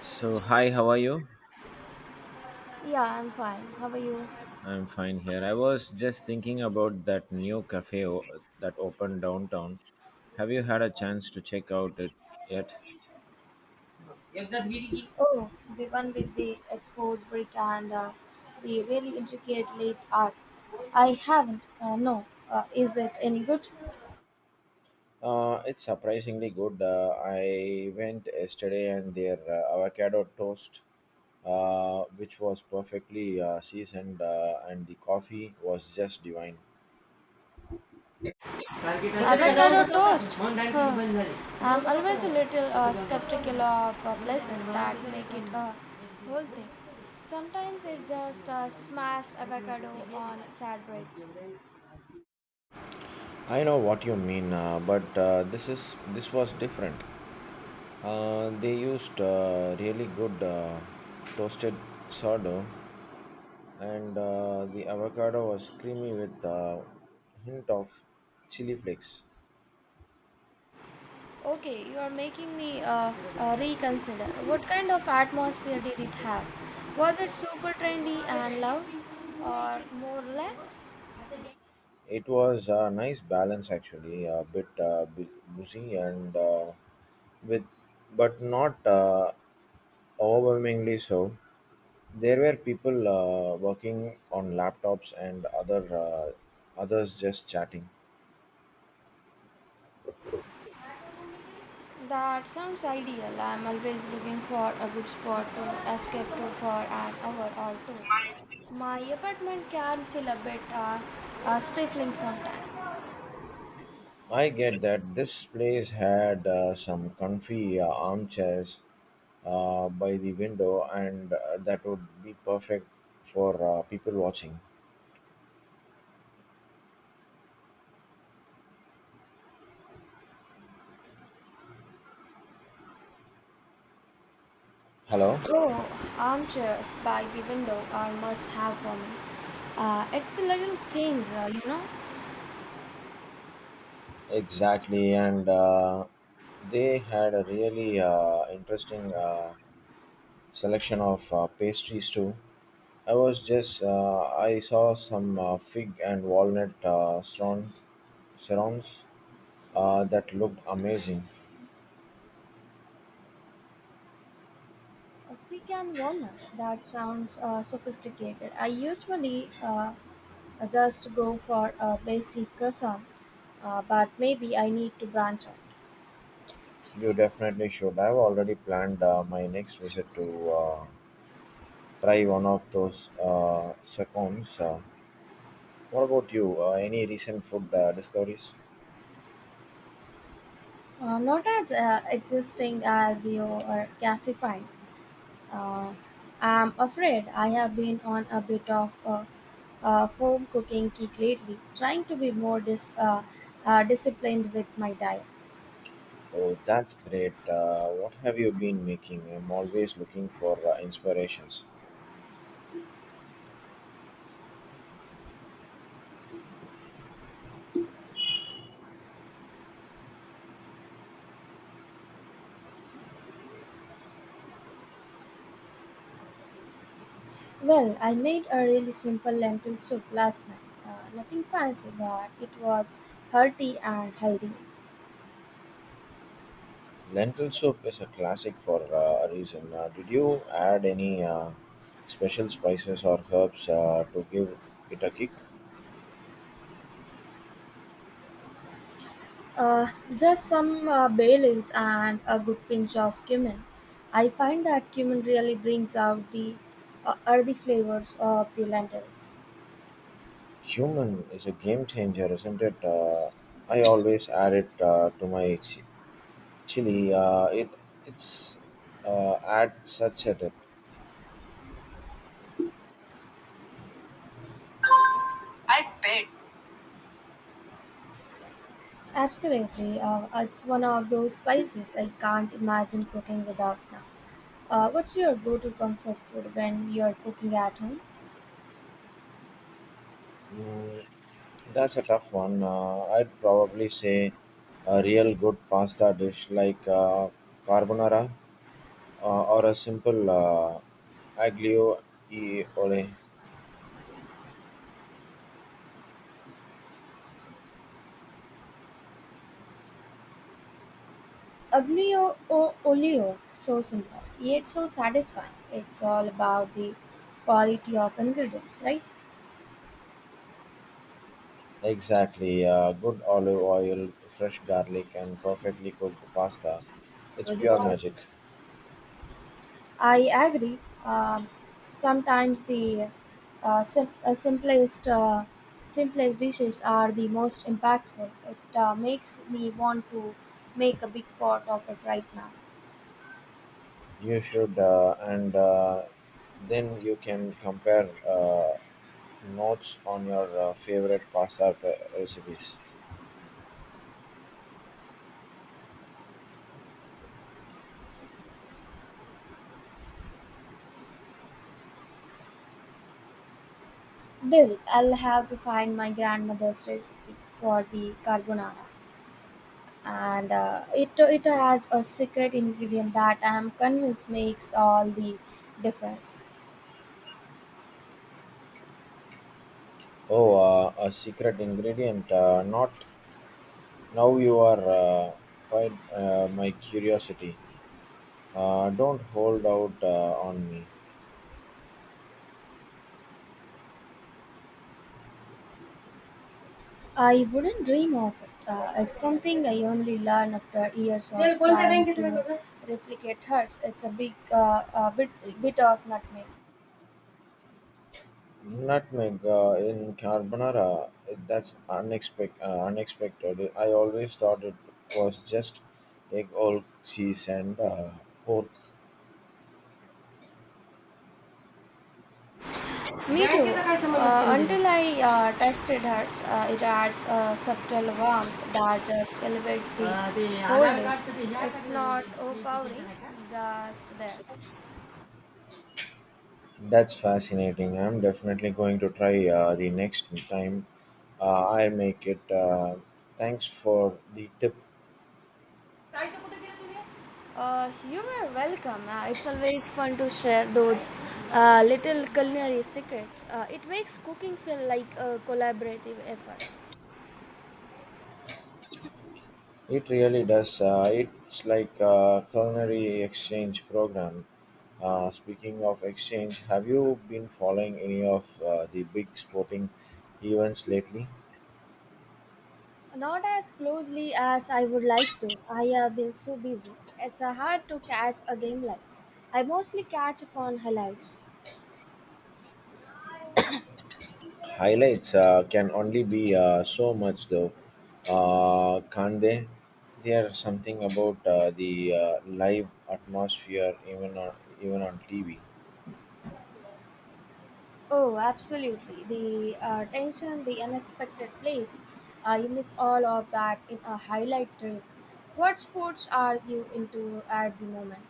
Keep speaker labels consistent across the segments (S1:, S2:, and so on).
S1: So, hi, how are you?
S2: Yeah, I'm fine. How are you?
S1: I'm fine here. I was just thinking about that that opened downtown. Have you had a chance to check out it yet?
S2: यज्ञाधीरी की the one with the exposed brick and the really intricate late art. I haven't. No. Is it any good?
S1: It's surprisingly good. I went yesterday and their avocado toast, which was perfectly seasoned, and the coffee was just divine.
S2: Avocado toast? Huh. I'm always a little skeptical of places that make it a whole thing. Sometimes it's just smashed avocado on sad bread.
S1: I know what you mean, but this was different. They used really good toasted sourdough, and the avocado was creamy with a hint of chili flakes.
S2: Okay, you are making me reconsider. What kind of atmosphere did it have? Was it super trendy and loud or more relaxed?
S1: It was a nice balance, actually, a bit boozy with, but not overwhelmingly so. There were people working on laptops and others just chatting.
S2: That sounds ideal. I'm always looking for a good spot to escape to for an hour or two. My apartment can feel a bit stifling sometimes.
S1: I get that. This place had some comfy armchairs by the window, and that would be perfect for people watching. Hello,
S2: Oh, armchairs by the window are must have for me. It's the little things.
S1: exactly, and they had a really interesting selection of pastries too. I was just I saw some fig and walnut scones, that looked amazing.
S2: A thick and walnut. That sounds sophisticated. I usually just go for a basic croissant, but maybe I need to branch out.
S1: You definitely should. I've already planned my next visit to try one of those seconds. What about you? Any recent food discoveries?
S2: Not as existing as your cafe find. Uh, I'm afraid I have been on a bit of a home cooking kick lately, trying to be more disciplined with my diet.
S1: Oh, that's great. What have you been making? I'm always looking for inspirations.
S2: Well, I made a really simple lentil soup last night. Nothing fancy, but it was hearty and healthy.
S1: Lentil soup is a classic for a reason. Did you add any special spices or herbs to give it a kick?
S2: Uh, just some bay leaves and a good pinch of cumin. I find that cumin really brings out the earthy flavors of the lentils.
S1: Cumin is a game changer, isn't it? I always add it to my Chili, it it's add such a depth.
S2: Absolutely, it's one of those spices I can't imagine cooking without now. What's your go-to comfort food when you're cooking at home?
S1: Mm, that's a tough one. I'd probably say a real good pasta dish like carbonara or a simple aglio e olio.
S2: Aglio o olio, so simple, yet so satisfying. It's all about the quality of ingredients, right?
S1: Exactly, good olive oil, fresh garlic, and perfectly cooked pasta. It's pure magic.
S2: I agree. Sometimes the uh, sim- uh, simplest uh, simplest dishes are the most impactful. It makes me want to make a big pot of it right now.
S1: You should, and then you can compare. Notes on your favorite pasta recipes.
S2: Dill, I'll have to find my grandmother's recipe for the carbonara, and it has a secret ingredient that I am convinced makes all the difference.
S1: Oh, a secret ingredient. Not now. You are quite my curiosity. Don't hold out on me.
S2: I wouldn't dream of it. It's something I only learn after years of trying to replicate hers. It's a bit of nutmeg.
S1: Nutmeg in carbonara. That's unexpected. Unexpected. I always thought it was just egg, old cheese, and pork.
S2: Me too. Until I tasted hers, it adds a subtle warmth that just elevates the whole. It's not overpowering, just there.
S1: That's fascinating. I'm definitely going to try the next time I make it. Thanks for the tip.
S2: You are welcome. It's always fun to share those little culinary secrets. It makes cooking feel like a collaborative effort.
S1: It really does. It's like a culinary exchange program. Speaking of exchange, have you been following any of the big sporting events lately?
S2: Not as closely as I would like to. I have been so busy. It's hard to catch a game live. I mostly catch upon highlights.
S1: Highlights can only be so much, though. Can't they? There's something about the live atmosphere, even on TV.
S2: Oh, absolutely. The tension, the unexpected plays. You miss all of that in a highlight reel. What sports are you into at the moment?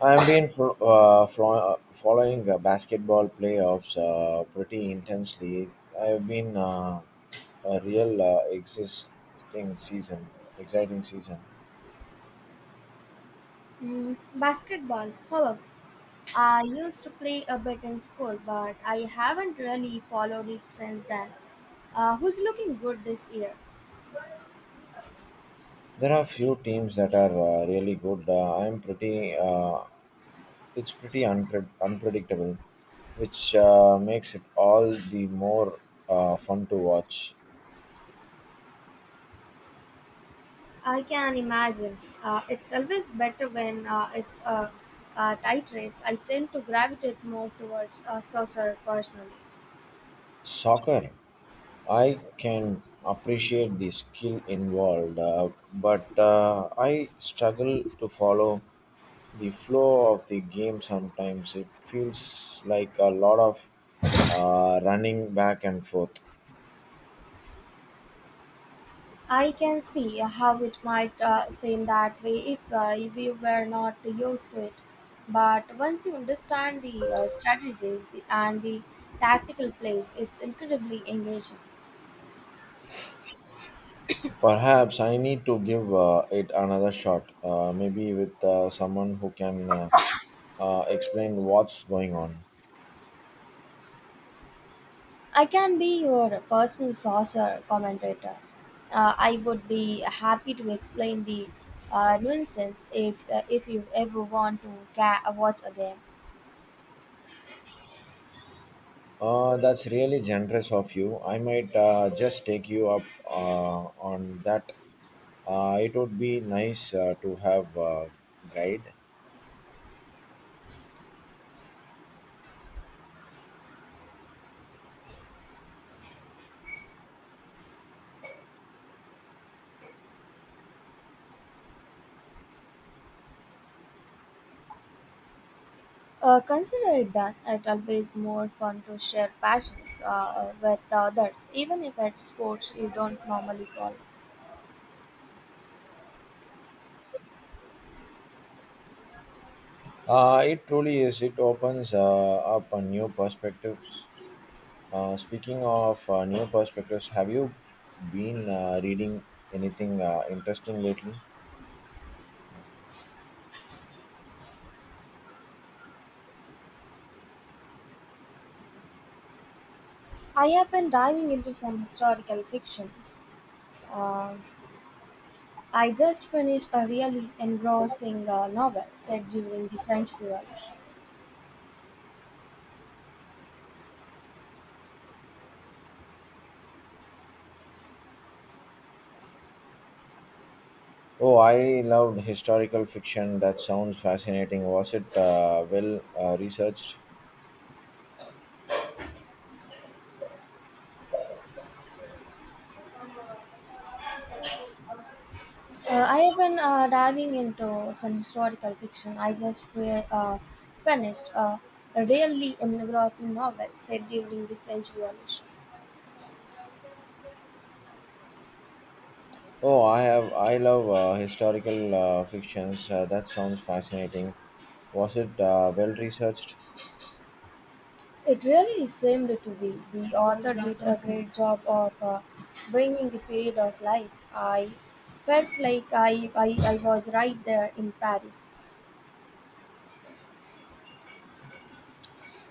S1: I've been following basketball playoffs pretty intensely. I've been a real existing season, exciting season.
S2: Mm, basketball, however, I used to play a bit in school, but I haven't really followed it since then. Who's looking good this year?
S1: There are few teams that are really good. I'm pretty. It's pretty unpredictable, which makes it all the more fun to watch.
S2: I can imagine. It's always better when it's a tight race. I tend to gravitate more towards a saucer personally.
S1: Soccer. I can appreciate the skill involved, but I struggle to follow the flow of the game sometimes. It feels like a lot of running back and forth.
S2: I can see how it might seem that way if we were not used to it. But once you understand the strategies and the tactical plays, it's incredibly engaging.
S1: Perhaps I need to give it another shot, maybe with someone who can explain what's going on.
S2: I can be your personal saucer commentator. I would be happy to explain the nuances if you ever want to watch a game.
S1: That's really generous of you. I might just take you up on that. It would be nice to have a guide.
S2: Consider it done. It's always more fun to share passions with others, even if it's sports you don't normally follow.
S1: It truly is. It opens up a new perspectives. Speaking of new perspectives, have you been reading anything interesting lately?
S2: I have been diving into some historical fiction. Um I just finished a really engrossing novel set during the French Revolution.
S1: Oh, I loved historical fiction. That sounds fascinating. Was it well researched?
S2: I have been diving into some historical fiction. I just finished a really engrossing novel set during the French Revolution.
S1: Oh, I have. I love historical fictions. That sounds fascinating. Was it well researched?
S2: It really seemed to be. The author did a great job of bringing the period of life. I felt like I was right there in Paris.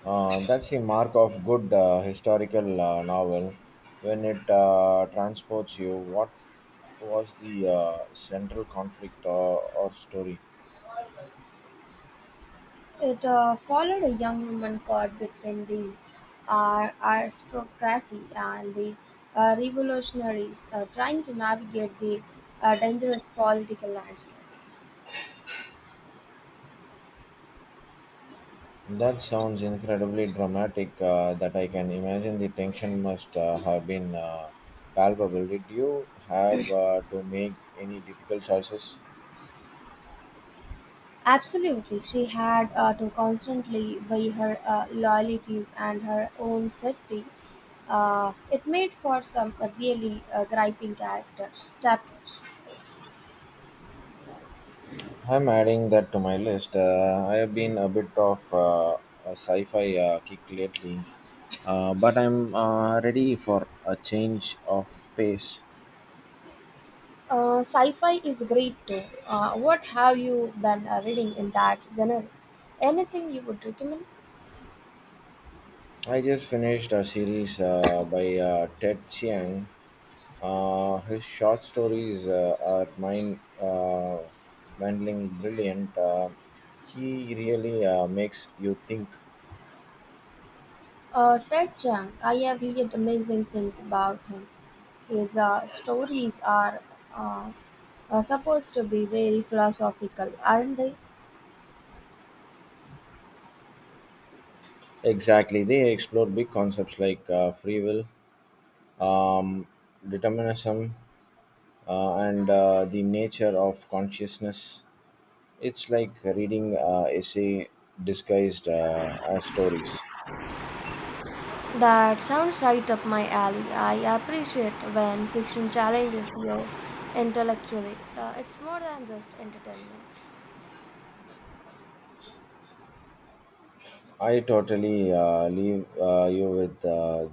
S1: That's the mark of good historical novel when it transports you. What was the central conflict or story?
S2: It followed a young woman caught between the aristocracy and the revolutionaries trying to navigate the dangerous political landscape.
S1: That sounds incredibly dramatic. That I can imagine the tension must have been palpable. Did you have to make any difficult choices?
S2: Absolutely, she had to constantly weigh her loyalties and her own safety. It made for some really griping characters chapters.
S1: I'm adding that to my list. I have been a bit of a sci-fi kick lately, but I'm ready for a change of pace.
S2: Sci-fi is great too. What have you been reading in that genre? Anything you would recommend?
S1: I just finished a series by Ted Chiang. His short stories are mind mandling brilliant. He really makes you think.
S2: Ted Chiang, I have heard amazing things about him. His stories uh, are supposed to be very philosophical, aren't they?
S1: Exactly, they explore big concepts like free will, um, determinism, and the nature of consciousness. It's like reading essay disguised as stories.
S2: That sounds right up my alley. I appreciate when fiction challenges you intellectually. It's more than just entertainment.
S1: I totally leave you with uh,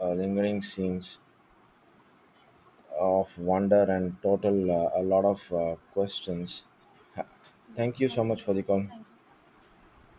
S1: uh, lingering scenes of wonder and total a lot of questions. Thank
S2: Yes,
S1: you
S2: thank
S1: so much
S2: you.
S1: for the call.
S2: Thank you.